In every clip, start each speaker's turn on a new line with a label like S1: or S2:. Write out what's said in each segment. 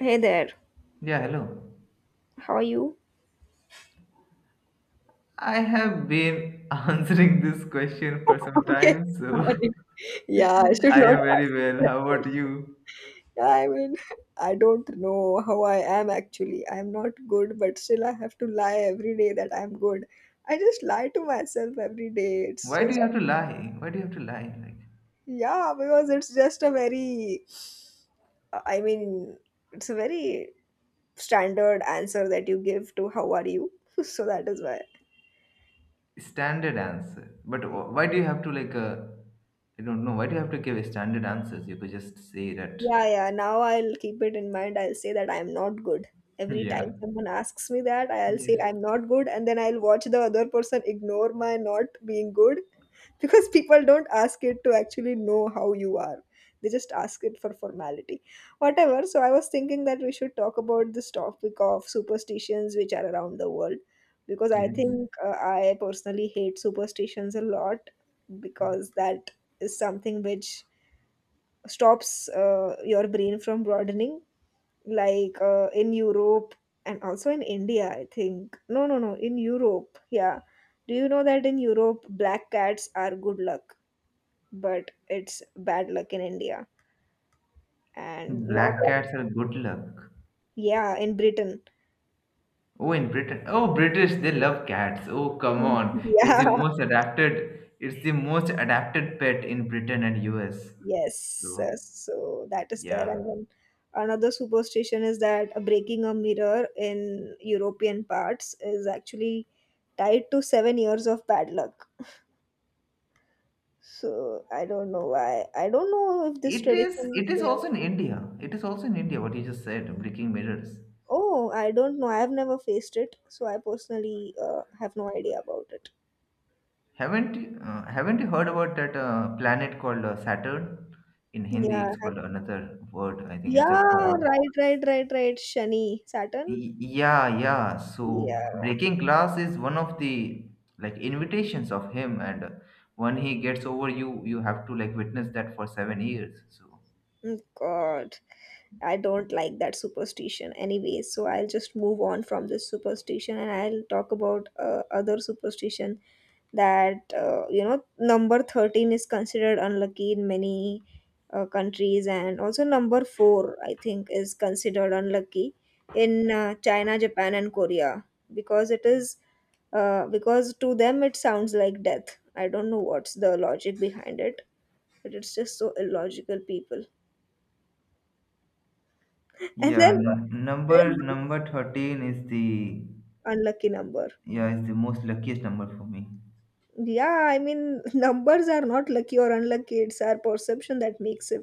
S1: Hey there,
S2: Yeah, hello.
S1: how are you?
S2: I have been answering this question for some
S1: Okay,
S2: time,
S1: sorry.
S2: so
S1: Yeah, I should
S2: I
S1: not
S2: am very
S1: ask you
S2: well.
S1: that
S2: How about
S1: question.
S2: you?
S1: Yeah, I mean, I don't know how I am actually. I'm not good, but still I have to lie every day that I'm good. I just lie to myself every day. It's
S2: Why do
S1: just,
S2: you have to lie? Why do you have to lie? Like
S1: yeah, because it's just a very, I mean, it's a very standard answer that you give to how are you. So that is why.
S2: standard answer. But why do you have to like I don't know. Why do you have to give standard answers? You could just say that.
S1: Yeah, yeah. Now I'll keep it in mind. I'll say that I'm not good. Every
S2: Yeah.
S1: time someone asks me that, I'll say
S2: Yes.
S1: I'm not good, and then I'll watch the other person ignore my not being good because people don't ask it to actually know how you are. They just ask it for formality. Whatever. So I was thinking that we should talk about this topic of superstitions which are around the world, because I
S2: Yes.
S1: think I personally hate superstitions a lot, because that is something which stops your brain from broadening, like in Europe and also in India. I think no, no, no, in Europe. Yeah, do you know that in Europe black cats are good luck, but it's bad luck in India? And not.
S2: Black cats are good luck.
S1: Yeah, in Britain.
S2: Oh, in Britain. Oh, British, they love cats. Oh, come on. It's
S1: Yeah,
S2: the most adapted, it's the most adapted pet in Britain and US.
S1: yes,
S2: So
S1: so that is there.
S2: yeah,
S1: And then another superstition is that breaking a mirror in European parts is actually tied to 7 years of bad luck. So I don't know why. I don't know if this
S2: it is.
S1: tradition
S2: It
S1: is
S2: is
S1: there.
S2: also in India. It is also in India. What you just said, breaking mirrors.
S1: Oh, I don't know. I've never faced it, so I personally have no idea about it.
S2: Haven't you heard about that planet called Saturn? In Hindi, it's
S1: Yeah,
S2: called another word. I think it's a
S1: yeah,
S2: god.
S1: right, right, right, right. Shani, Saturn.
S2: Yeah. So
S1: Yeah.
S2: breaking glass is one of the like invitations of him, and when he gets over you, you have to like witness that for 7 years. So
S1: Mm, God, I don't like that superstition. Anyway, so I'll just move on from this superstition and I'll talk about other superstition, that number 13 is considered unlucky in many countries, and also number 4, I think, is considered unlucky in China, Japan and Korea, because it is because to them it sounds like death. I don't know what's the logic behind it, but it's just so illogical, people. And
S2: yeah,
S1: then
S2: num
S1: there's
S2: number
S1: this
S2: number 13 is the.
S1: unlucky number.
S2: Yeah, it's the most luckiest number for me.
S1: Yeah, I mean, numbers are not lucky or unlucky, it's our perception that makes it.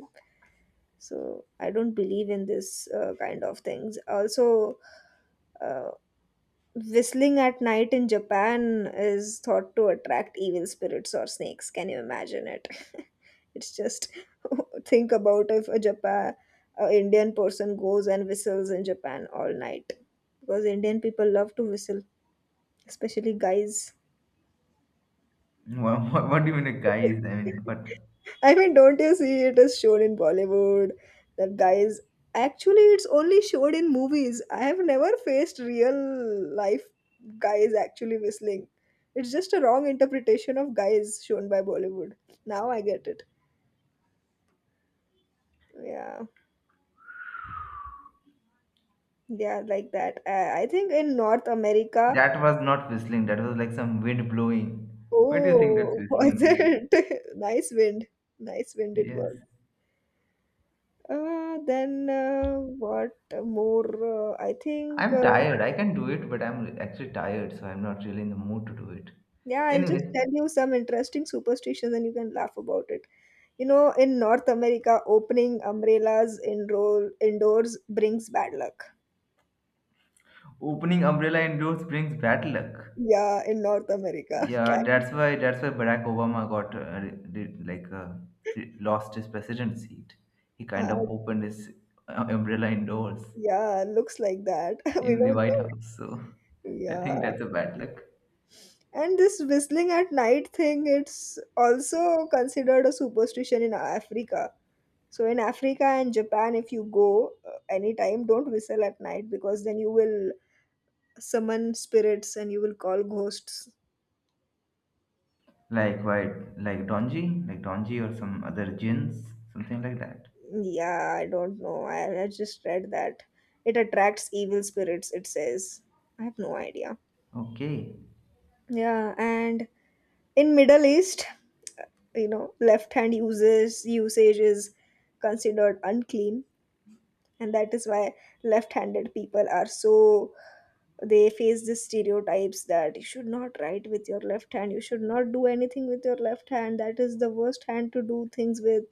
S1: So I don't believe in this kind of things also. uh, whistling at night in Japan is thought to attract evil spirits or snakes. Can you imagine it? It's just think about if a Japan, a Indian person goes and whistles in Japan all night, because Indian people love to whistle, especially guys.
S2: What even a guy is? I mean, but
S1: I mean, don't you see it is shown in Bollywood that guys actually, it's only showed in movies. I have never faced real life guys actually whistling. It's just a wrong interpretation of guys shown by Bollywood. Now I get it. Yeah. Yeah, like that. I think in North America.
S2: that was not whistling. That was like some wind blowing. Why do you think that's
S1: Oh, was
S2: whistling?
S1: it? Nice wind. Nice wind it
S2: Yes.
S1: was. Then what more? I think.
S2: I'm
S1: uh,
S2: tired. I can do it, but I'm actually tired, so I'm not really in the mood to do it.
S1: yeah, I'll just
S2: Anyway,
S1: tell you some interesting superstitions and you can laugh about it. You know, in North America, opening umbrellas in roll indoors brings bad luck.
S2: opening umbrella indoors brings bad luck.
S1: Yeah, in North America.
S2: Yeah,
S1: Can-
S2: that's why Barack Obama got like lost his president seat. He kind
S1: Uh,
S2: of opened his umbrella indoors
S1: yeah, looks like that. We
S2: in the
S1: don't
S2: White
S1: know.
S2: House. So I
S1: Yeah.
S2: think that's a bad luck.
S1: And this whistling at night thing, it's also considered a superstition in Africa. So in Africa and Japan, if you go anytime, don't whistle at night, because then you will summon spirits and you will call ghosts.
S2: Like white, like Donji or some other gins, something like that.
S1: Yeah, I don't know. I just read that it attracts evil spirits, it says. I have no idea.
S2: Okay.
S1: Yeah, and in Middle East, left hand uses usage is considered unclean, and that is why left-handed people are so, they face the stereotypes that you should not write with your left hand, you should not do anything with your left hand. That is the worst hand to do things with.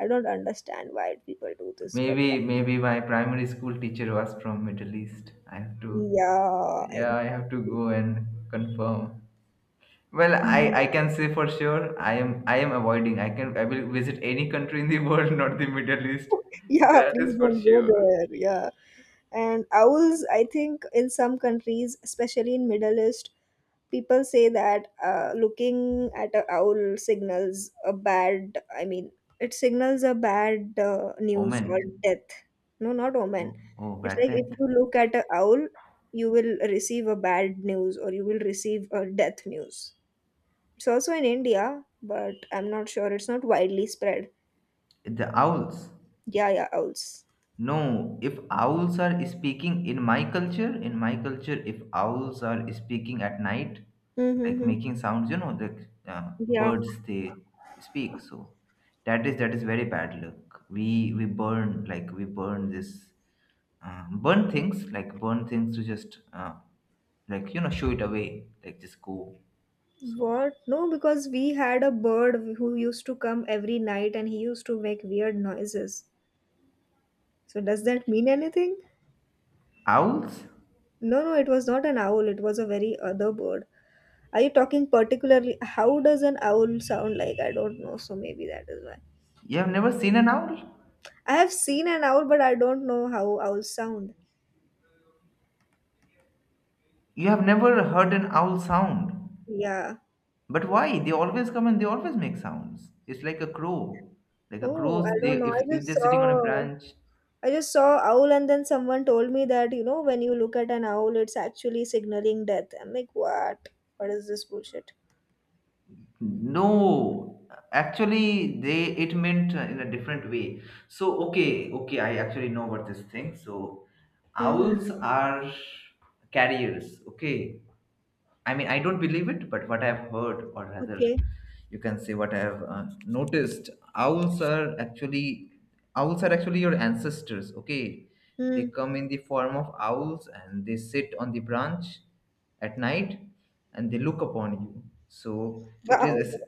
S1: I don't understand why people do this, but
S2: Maybe, maybe my primary school teacher was from Middle East. I have to,
S1: yeah,
S2: yeah, I
S1: exactly.
S2: have to go and confirm. Well, I,
S1: Yeah,
S2: I can say for sure, I am avoiding. I can, I will visit any country in the world, not the Middle East. That is
S1: please
S2: for
S1: don't go
S2: sure.
S1: there. Yeah. And owls, I think in some countries, especially in Middle East, people say that looking at a owl signals a bad, I mean, it signals a bad news
S2: Omen.
S1: or death. No, not omen.
S2: Oh, oh,
S1: It's
S2: bad
S1: like
S2: death.
S1: if you look at a owl, you will receive a bad news or you will receive a death news. It's also in India, but I'm not sure. It's not widely spread.
S2: The owls.
S1: Yeah, yeah, owls.
S2: No, if owls are speaking in my culture, if owls are speaking at night,
S1: Mm-hmm,
S2: like
S1: mm-hmm.
S2: making sounds, you know, like
S1: Yeah.
S2: birds they speak. So that is very bad luck. We burn like we burn this burn things like burn things to just like you know show it away like just go. So
S1: What? No, because we had a bird who used to come every night and he used to make weird noises. So, does that mean anything?
S2: owls,
S1: No, no, it was not an owl, it was a very other bird. Are you talking particularly? How does an owl sound like? I don't know, so maybe that is why.
S2: you have never seen an owl.
S1: I have seen an owl, but I don't know how owls sound.
S2: You have never heard an owl sound.
S1: Yeah.
S2: But why? They always come and they always make sounds. It's like a crow. Like a
S1: Oh, I
S2: crows, they
S1: don't know. I
S2: if
S1: just
S2: they're sitting on a
S1: saw.
S2: branch.
S1: I just saw owl, and then someone told me that, when you look at an owl, it's actually signaling death. I'm like, what? What is this bullshit?
S2: No. Actually they it meant in a different way. So okay, okay, I actually know about this thing. So
S1: Mhm.
S2: owls are carriers, okay? I mean, I don't believe it, but what I've heard, or rather,
S1: Okay.
S2: you can say what I've noticed, owls are actually your ancestors. Okay, they
S1: Mm.
S2: come in the form of owls and they sit on the branch at night and they look upon you. So
S1: Wow,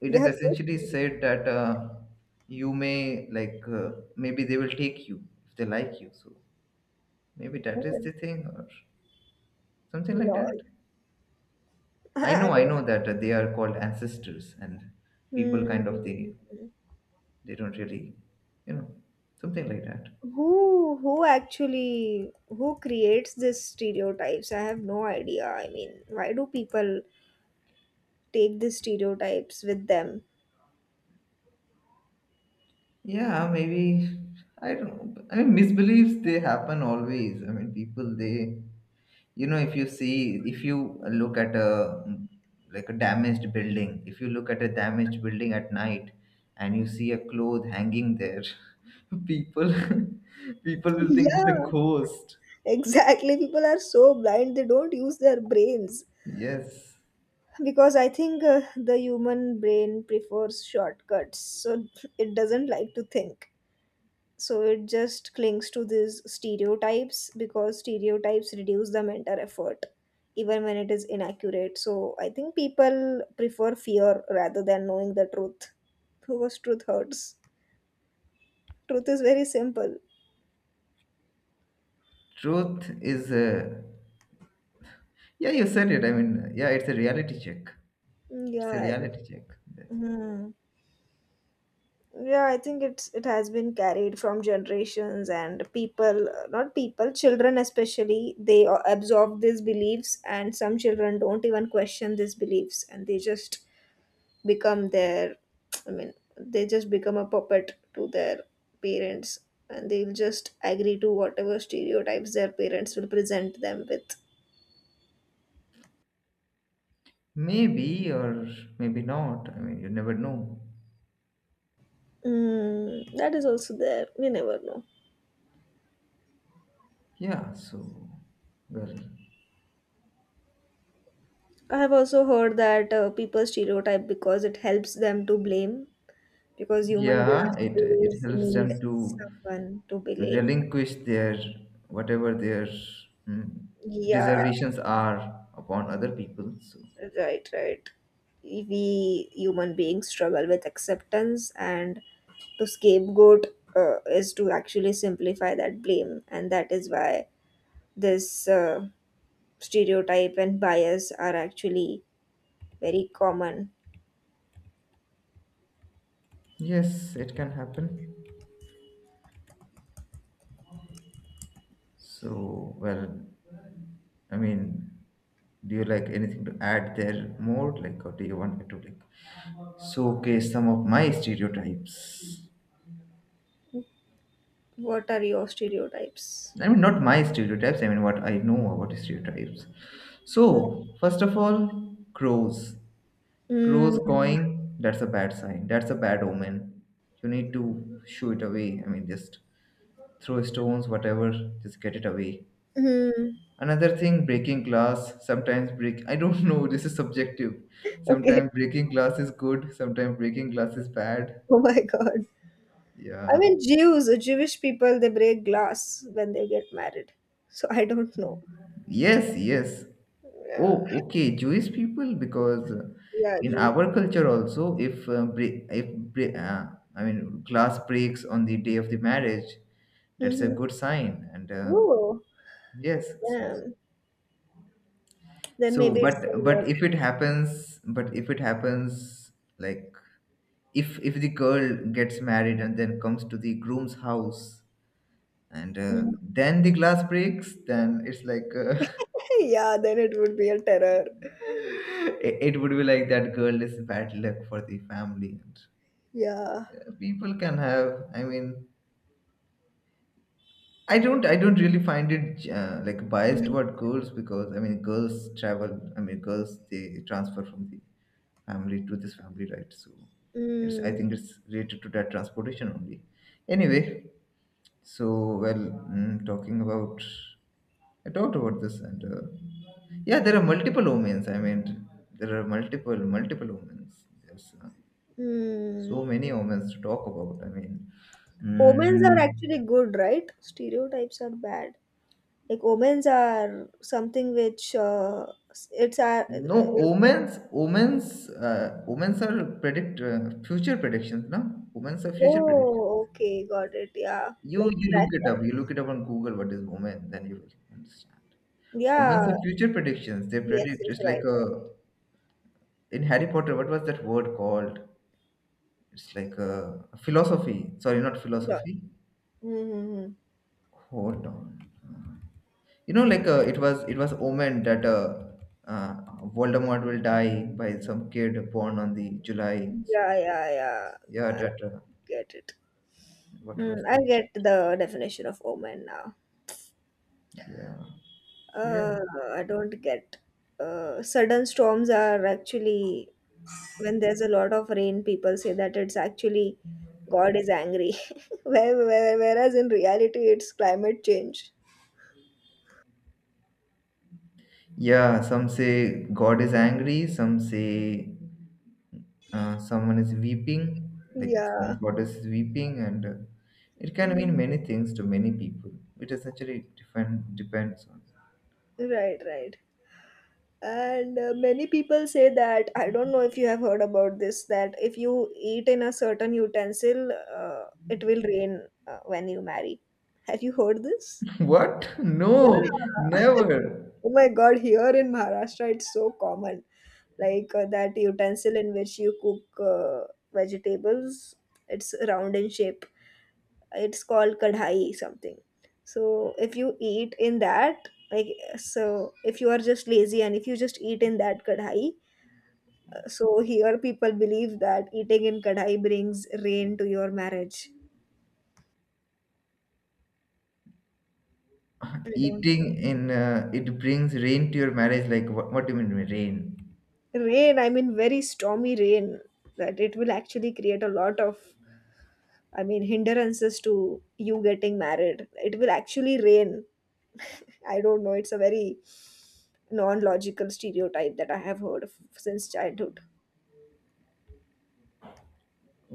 S2: it
S1: they
S2: is
S1: are so
S2: essentially
S1: sweet.
S2: said that you may like maybe they will take you if they like you. So maybe that is
S1: Oh,
S2: the thing or something like
S1: Lord.
S2: that.
S1: I
S2: I
S1: do.
S2: know that they are called ancestors, and people kind of they don't really, you know, something like that.
S1: Who actually, who creates these stereotypes? I have no idea. I mean, why do people take these stereotypes with them?
S2: Yeah, maybe I don't know. I mean, misbeliefs they happen always. I mean, people they, you know, if you see, if you look at a like a damaged building, if you look at a damaged building at night, and you see a cloth hanging there, people people will think it's a
S1: Yeah,
S2: ghost.
S1: exactly. People are so blind, they don't use their brains.
S2: Yes,
S1: Because I think the human brain prefers shortcuts, so it doesn't like to think. So it just clings to these stereotypes because stereotypes reduce the mental effort even when it is inaccurate. So I think people prefer fear rather than knowing the truth, because truth hurts, truth is very simple.
S2: truth is yeah, you said it. I mean, yeah, it's a reality check. It's a
S1: Yeah.
S2: reality check.
S1: Hmm. Yeah, I think it's, it has been carried from generations, and people, not people, children especially, they absorb these beliefs, and some children don't even question these beliefs, and they just become their, I mean they just become a puppet to their parents, and they'll just agree to whatever stereotypes their parents will present them with.
S2: Maybe or maybe not. I mean, you never know.
S1: Mm, that is also there, we never know.
S2: Yeah, so, well,
S1: I have also heard that people stereotype because it helps them to blame, because human
S2: yeah,
S1: beings
S2: it
S1: always
S2: helps
S1: need
S2: them to
S1: someone to blame.
S2: relinquish their whatever their mm,
S1: Yeah,
S2: reservations are upon other people. So,
S1: right, right. We human beings struggle with acceptance, and to scapegoat is to actually simplify that blame, and that is why this stereotype and bias are actually very common.
S2: yes, it can happen. So, well, I mean, do you like anything to add there more? Like, or do you want me to like. So, okay, some of my stereotypes.
S1: What are your stereotypes?
S2: I mean, not my stereotypes, I mean, what I know about stereotypes.
S1: Mm.
S2: So, first of all, crows. Crows
S1: Mm.
S2: cawing, that's a bad sign. That's a bad omen. You need to shoo it away. I mean, just throw stones, whatever, just get it away. Another thing, breaking glass. Sometimes break, I don't know, this is subjective.
S1: Okay.
S2: Sometimes breaking glass is good, sometimes breaking glass is bad.
S1: Oh my God. I
S2: Yeah.
S1: mean, jews jewish people, they break glass when they get married, so I don't know.
S2: Yes, yes.
S1: Yeah,
S2: Oh, okay. Jewish people, because
S1: yeah,
S2: in
S1: Jewish.
S2: our culture also, if break, I mean, glass breaks on the day of the marriage, that's a
S1: Mm-hmm.
S2: good sign. And
S1: Oh,
S2: yes, so
S1: yeah, then
S2: so,
S1: maybe it's
S2: but
S1: similar.
S2: but if it happens, but if it happens, like if the girl gets married and then comes to the groom's house, and
S1: Mm.
S2: then the glass breaks, then it's like.
S1: Yeah, then it would be a terror.
S2: It would be like that girl is bad luck for the family and
S1: Yeah.
S2: people can have. I mean, I don't really find it like biased
S1: Mm,
S2: toward girls because I mean girls travel, I mean girls they transfer from the family to this family, right? So it's, I
S1: mm,
S2: think it's related to that transportation only. Anyway, so, well, talking about, I talked about this, and yeah, there are multiple omens. I mean, there are multiple, multiple omens. There's
S1: mm.
S2: so many omens to talk about. I mean,
S1: Omens are
S2: mm,
S1: actually good, right? Stereotypes are bad. Like omens are something which it's a
S2: no
S1: omen.
S2: omens, omens, omens are predict future predictions, no? Omens are future predictions.
S1: Oh, okay, got it. Yeah,
S2: You
S1: like
S2: you
S1: that.
S2: look it up. You look it up on Google. What is omen? Then you will understand.
S1: Yeah,
S2: Omens are future predictions. They
S1: yes,
S2: predict.
S1: yes,
S2: It's
S1: right.
S2: like a in Harry Potter, what was that word called? It's like a philosophy. Sorry, not philosophy.
S1: Mm-hmm.
S2: Hold on. You know, like it was omen that uh, Voldemort will die by some kid born on the July. So
S1: Yeah, yeah, yeah.
S2: yeah,
S1: I
S2: that
S1: get it.
S2: what
S1: Mm,
S2: was
S1: I
S2: that?
S1: get the definition of omen now.
S2: Yeah. So yeah.
S1: Uh, I don't get. Sudden storms are actually, when there's a lot of rain, people say that it's actually God is angry. Whereas in reality, it's climate change.
S2: Yeah. Some say God is angry. Some say someone is weeping, like
S1: Yeah.
S2: some goddess is weeping, and it can mean
S1: Mm.
S2: many things to many people. It essentially depends on.
S1: Right, right. And many people say that, I don't know if you have heard about this, that if you eat in a certain utensil uh, it will rain when you marry, have you heard this?
S2: What? No,
S1: Yeah,
S2: never.
S1: oh my God, here in Maharashtra it's so common, like that utensil in which you cook vegetables, it's round in shape, it's called kadhai something. So if you eat in that, like, so if you are just lazy and if you just eat in that kadhai, so here people believe that eating in kadhai brings rain to your marriage. I don't know.
S2: Eating in it brings rain to your marriage. Like what? What do you mean by rain?
S1: Rain, I mean very stormy rain, that it will actually create a lot of, I mean, hindrances to you getting married. It will actually rain. I don't know. It's a very non logical stereotype that I have heard of since childhood.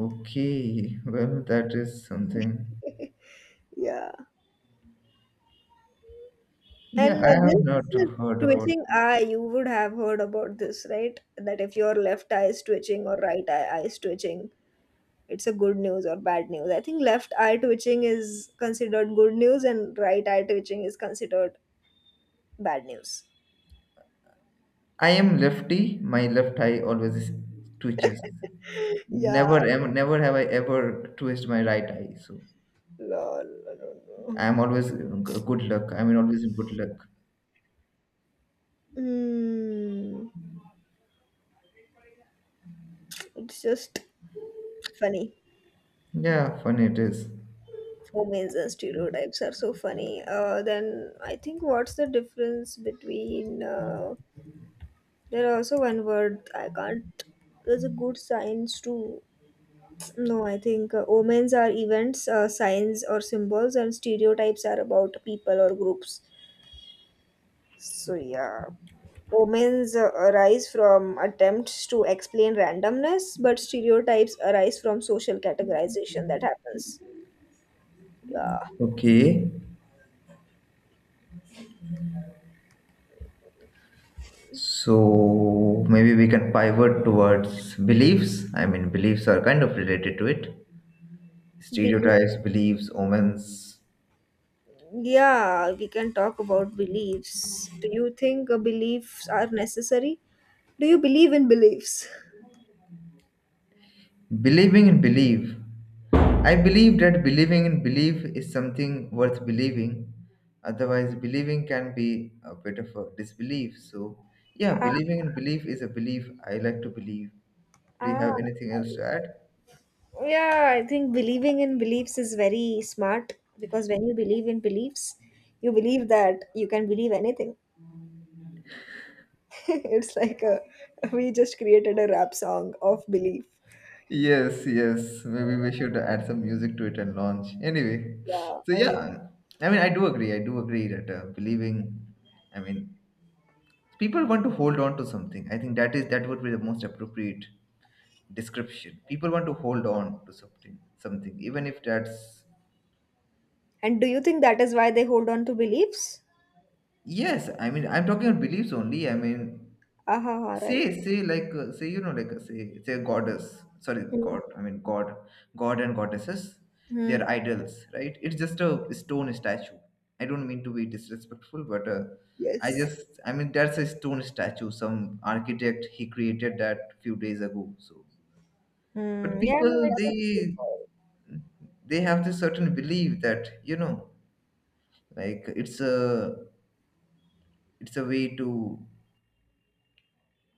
S2: Okay, well that is something.
S1: Yeah.
S2: Yeah,
S1: And
S2: I have not
S1: this
S2: heard about
S1: twitching
S2: this.
S1: eye, you would have heard about this, right? That if your left eye is twitching or right eye is twitching, it's a good news or bad news. I think left eye twitching is considered good news and right eye twitching is considered bad news.
S2: I am lefty. My left eye always twitches.
S1: Yeah.
S2: Never, am never have I ever twist my right eye. So.
S1: Lol. I don't know.
S2: I'm always good luck. I mean, always in good luck.
S1: Mm, it's just funny.
S2: Yeah, fun it is.
S1: Homemades and stereotypes are so funny. Then I think what's the difference between? There are also one word I can't. There's a good science too. No, I think omens are events, signs or symbols, and stereotypes are about people or groups. So yeah, omens arise from attempts to explain randomness, but stereotypes arise from social categorization that happens. Yeah.
S2: Okay, so maybe we can pivot towards beliefs. I mean, beliefs are kind of related to it.
S1: Belief.
S2: Stereotypes, beliefs, omens.
S1: Yeah, we can talk about beliefs. Do you think beliefs are necessary? Do you believe in beliefs?
S2: Believing in belief. I believe that believing in belief is something worth believing. Otherwise, believing can be a bit of a disbelief. So, yeah,
S1: Ah,
S2: believing in belief is a belief I like to believe. Do you
S1: ah,
S2: have anything else to add?
S1: yeah, I think believing in beliefs is very smart because when you believe in beliefs, you believe that you can believe anything. It's like a, we just created a rap song of belief.
S2: Yes, yes. Maybe we should add some music to it and launch. Anyway,
S1: Yeah,
S2: so
S1: I know.
S2: yeah, I mean, I do agree. I do agree that believing, I mean, people want to hold on to something. I think that is that would be the most appropriate description. People want to hold on to something, something, even if that's
S1: And do you think that is why they hold on to beliefs?
S2: yes. I mean, I'm talking about beliefs only. I mean,
S1: Aha, right.
S2: say, say, like, say, you know, like, say, say, a goddess. Sorry,
S1: Hmm.
S2: god. I mean, god, god and goddesses. They
S1: Hmm.
S2: are idols, right? It's just a stone statue. I don't mean to be disrespectful, but I
S1: Yes.
S2: just, I mean, that's a stone statue. Some architect he created that few days ago. So, but
S1: Hmm. Yeah, I mean,
S2: people
S1: it's a
S2: they have this certain belief that you know, like, it's a way to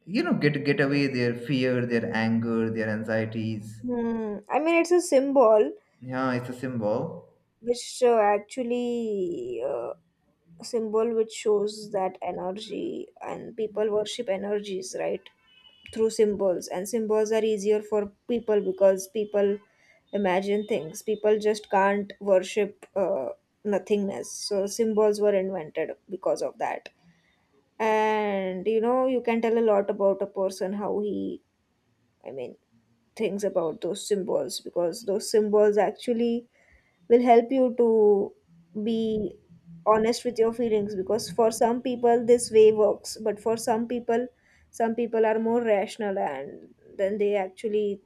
S2: you know get away their fear, their anger, their anxieties.
S1: Hmm. I mean, it's a symbol
S2: Yeah, it's a symbol.
S1: which actually symbol which shows that energy, and people worship energies, right? Through symbols, and symbols are easier for people because people imagine things. People just can't worship nothingness. So symbols were invented because of that. And you know, you can tell a lot about a person how he, I mean things about those symbols, because those symbols actually will help you to be honest with your feelings. Because for some people this way works, but for some people, some people are more rational, and then they actually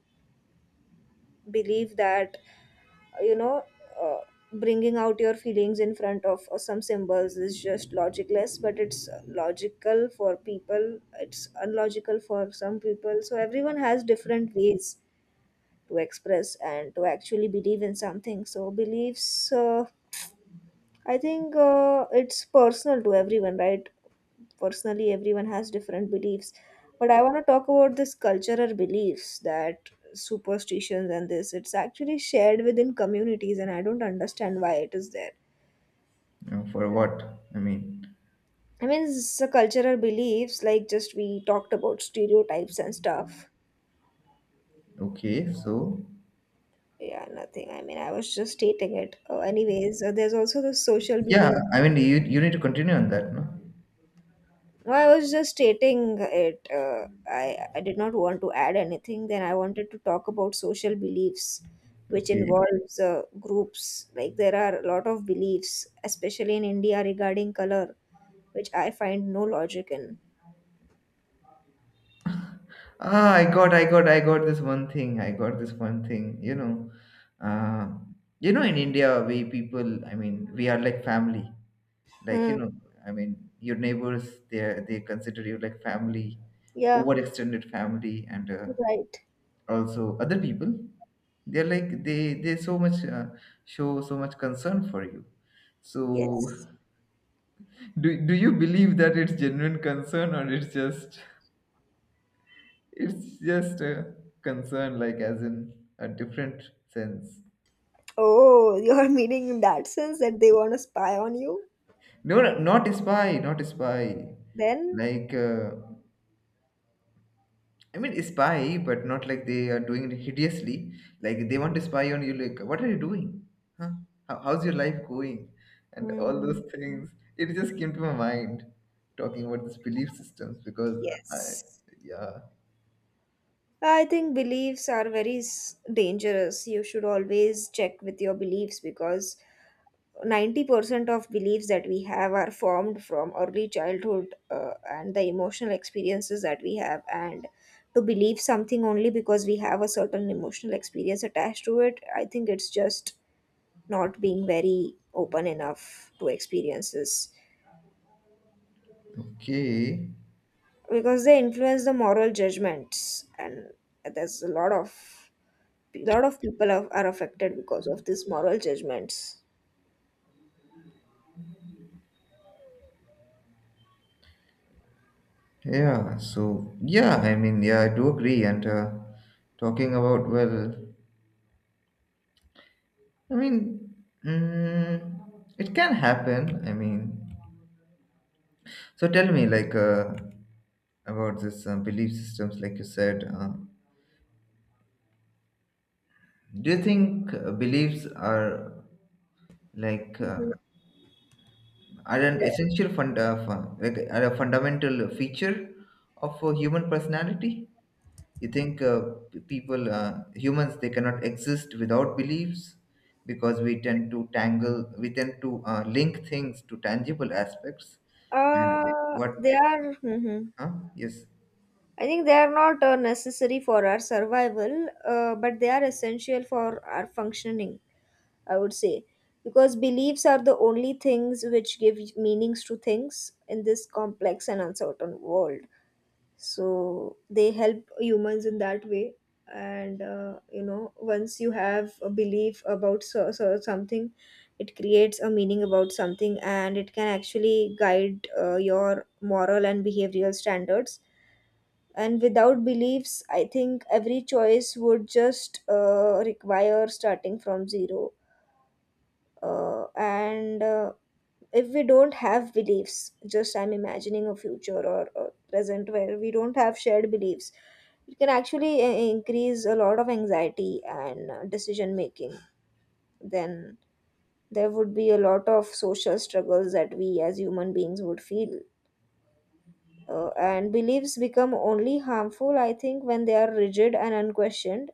S1: believe that you know uh, bringing out your feelings in front of some symbols is just logicless, but it's logical for people, it's unlogical for some people. So everyone has different ways to express and to actually believe in something. So beliefs, I think it's personal to everyone, right? Personally, everyone has different beliefs. But I want to talk about this cultural beliefs, that superstitions and this, it's actually shared within communities, and I don't understand why it is there.
S2: For what? I mean,
S1: I mean, it's a cultural beliefs, like just we talked about stereotypes and stuff.
S2: okay, so
S1: Yeah, nothing, I mean, I was just stating it. Anyways, there's also the social
S2: yeah,
S1: belief.
S2: I mean you need to continue on that, no?
S1: No, I was just stating it. I did not want to add anything. Then I wanted to talk about social beliefs, which
S2: Okay.
S1: involves groups. Like there are a lot of beliefs, especially in India, regarding color, which I find no logic in.
S2: Ah, I got this one thing. I got this one thing, you know. Uh, you know, in India, we people, I mean, we are like family. Like,
S1: Hmm.
S2: you know, I mean, your neighbors, they are- they consider you like family,
S1: Yeah,
S2: overextended family, and
S1: right.
S2: also other people they're like they so much show so much concern for you, so
S1: Yes.
S2: do, do you believe that it's genuine concern or it's just a concern like as in a different sense.
S1: Oh, you're meaning in that sense that they want to spy on you?
S2: No, no, not a spy, not a spy,
S1: Then?
S2: like I mean, spy, but not like they are doing it hideously. Like they want to spy on you. Like, what are you doing? Huh? How, how's your life going? And all
S1: Hmm.
S2: those things. It just came to my mind talking about this belief systems because I,
S1: Yes.
S2: yeah,
S1: I think beliefs are very dangerous. You should always check with your beliefs, because 90% of beliefs that we have are formed from early childhood and the emotional experiences that we have. And to believe something only because we have a certain emotional experience attached to it, I think it's just not being very open enough to experiences,
S2: okay,
S1: because they influence the moral judgments. And there's a lot of people are affected because of these moral judgments.
S2: yeah. So yeah, yeah, I do agree. And talking about I mean, it can happen. So tell me, about this belief systems, like you said. Do you think beliefs are like uh, are an essential fund, fun, like are a fundamental feature of human personality? You think people, humans, they cannot exist without beliefs because we tend to link things to tangible aspects. And what?
S1: They are. Mhm.
S2: Huh? Yes.
S1: I think they are not necessary for our survival, but they are essential for our functioning, I would say. Because beliefs are the only things which give meanings to things in this complex and uncertain world, so they help humans in that way. And you know, once you have a belief about so something, it creates a meaning about something, and it can actually guide your moral and behavioral standards. And without beliefs, I think every choice would just require starting from zero. And If we don't have beliefs, just I'm imagining a future or a present where we don't have shared beliefs, it can actually increase a lot of anxiety and decision making. Then there would be a lot of social struggles that we as human beings would feel. And beliefs become only harmful, I think, when they are rigid and unquestioned,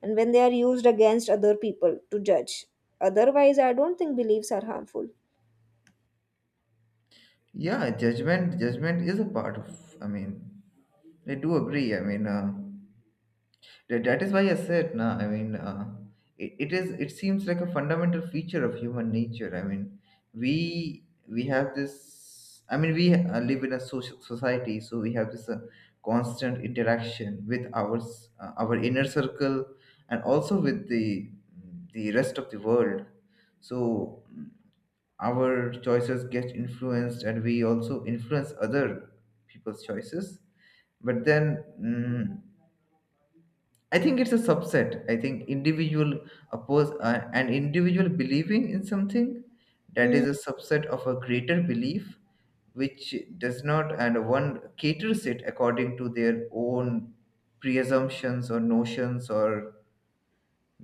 S1: and when they are used against other people to judge. Otherwise, I don't think beliefs are harmful.
S2: Yeah, judgment is a part of. I do agree. That is why I said, nah. It is. It seems like a fundamental feature of human nature. I mean, we have this. I mean, we live in a social society, so we have this constant interaction with our inner circle and also with the rest of the world. So our choices get influenced, and we also influence other people's choices, but then mm, I think it's a subset. I think individual oppose an individual believing in something, that is a subset of a greater belief, which does not, and one caters it according to their own preassumptions or notions or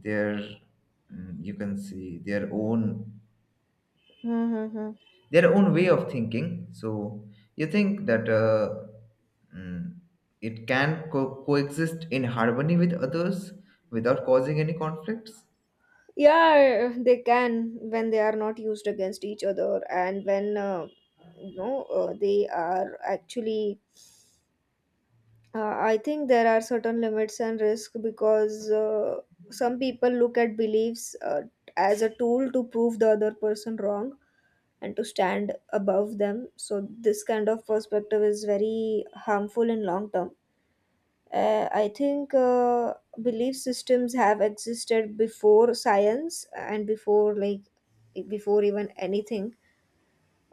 S2: their you can see their own,
S1: Mm-hmm.
S2: their own way of thinking. So you think that mm, it can coexist in harmony with others without causing any conflicts?
S1: Yeah, they can, when they are not used against each other, and when they are actually, I think there are certain limits and risk, because some people look at beliefs as a tool to prove the other person wrong and to stand above them. So this kind of perspective is very harmful in long term. I think belief systems have existed before science and before like, before even anything.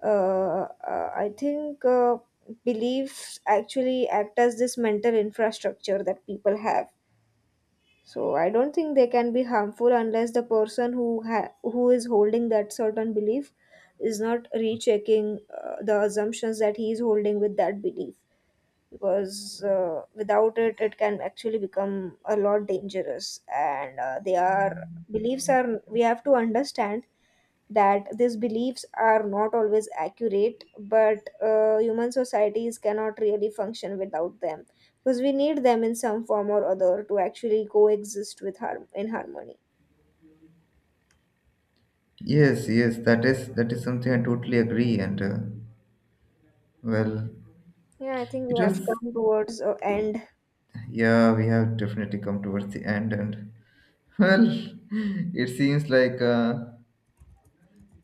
S1: Uh, I think beliefs actually act as this mental infrastructure that people have. So I don't think they can be harmful unless the person who who is holding that certain belief is not rechecking the assumptions that he is holding with that belief. Because without it, it can actually become a lot dangerous. And they are beliefs are we have to understand that these beliefs are not always accurate, but human societies cannot really function without them, because we need them in some form or other to actually coexist with harmony.
S2: Yes, yes, that is something I totally agree. And well,
S1: Yeah, I think we
S2: it
S1: have
S2: was,
S1: come towards a end.
S2: yeah, we have definitely come towards the end, and well, it seems like uh,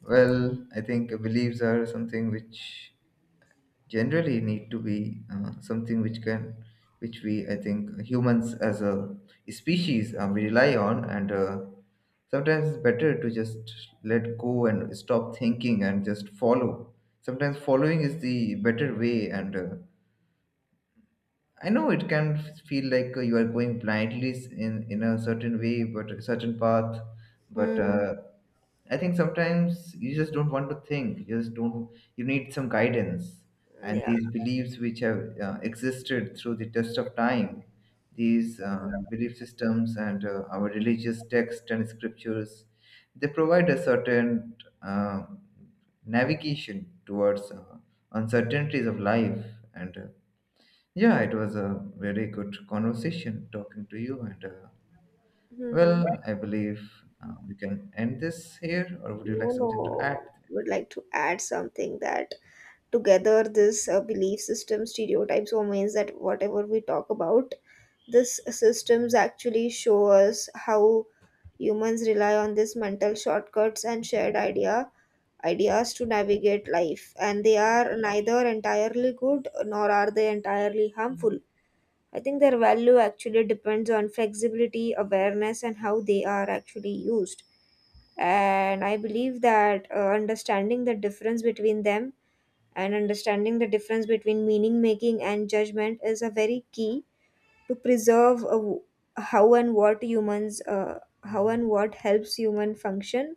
S2: well, I think beliefs are something which generally need to be something which, can which we, I think humans as a species we rely on, and sometimes it's better to just let go and stop thinking and just follow. Sometimes following is the better way, and I know it can feel like you are going blindly, in a certain way, but a certain path. But
S1: Mm,
S2: I think sometimes you just don't want to think. You just don't. You need some guidance. And
S1: yeah.
S2: these beliefs, which have existed through the test of time, these belief systems and our religious texts and scriptures, they provide a certain uh, navigation towards uncertainties of life. And. Yeah, it was a very good conversation talking to you. And
S1: Hmm.
S2: I believe we can end this here, or would you
S1: No,
S2: like something to add?
S1: no, would like to add something, that together this belief system, stereotypes or means, that whatever we talk about, these systems actually show us how humans rely on these mental shortcuts and shared idea ideas to navigate life. And they are neither entirely good nor are they entirely harmful. I think their value actually depends on flexibility, awareness, and how they are actually used. And I believe that understanding the difference between them, and understanding the difference between meaning making and judgment, is a very key to preserve a how and what humans, how and what helps human function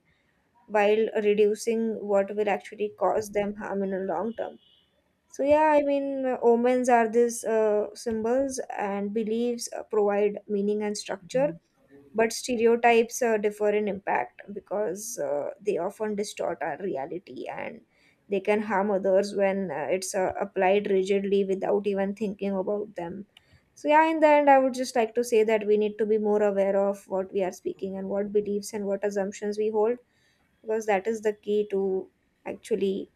S1: while reducing what will actually cause them harm in the long term. So yeah, I mean, omens are these symbols and beliefs, provide meaning and structure. But stereotypes differ in impact, because they often distort our reality, and they can harm others when it's applied rigidly without even thinking about them. So yeah, in the end, I would just like to say that we need to be more aware of what we are speaking, and what beliefs and what assumptions we hold, because that is the key to actually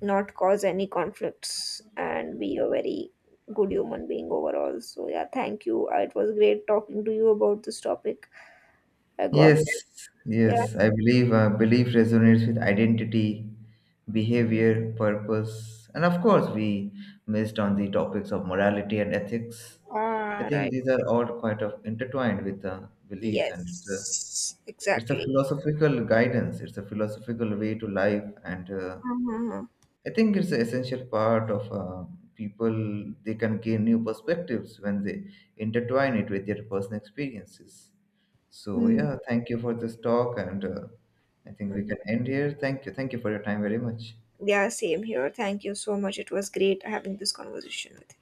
S1: not cause any conflicts and be a very good human being overall. So yeah, thank you. It was great talking to you about this topic. I got
S2: Yes,
S1: it. Yeah.
S2: yes, I believe belief resonates with identity, behavior, purpose, and of course, we missed on the topics of morality and ethics. I
S1: Ah,
S2: think
S1: right.
S2: these are all quite of intertwined with beliefs, and
S1: Yes,
S2: it's a
S1: exactly.
S2: philosophical guidance. It's a philosophical way to life, and
S1: Uh-huh.
S2: I think it's an essential part of people. They can gain new perspectives when they intertwine it with their personal experiences. So
S1: Hmm.
S2: yeah, thank you for this talk, and I think we
S1: Mhm.
S2: can end here. Thank you for your time very much.
S1: Yeah, same here. Thank you so much. It was great having this conversation with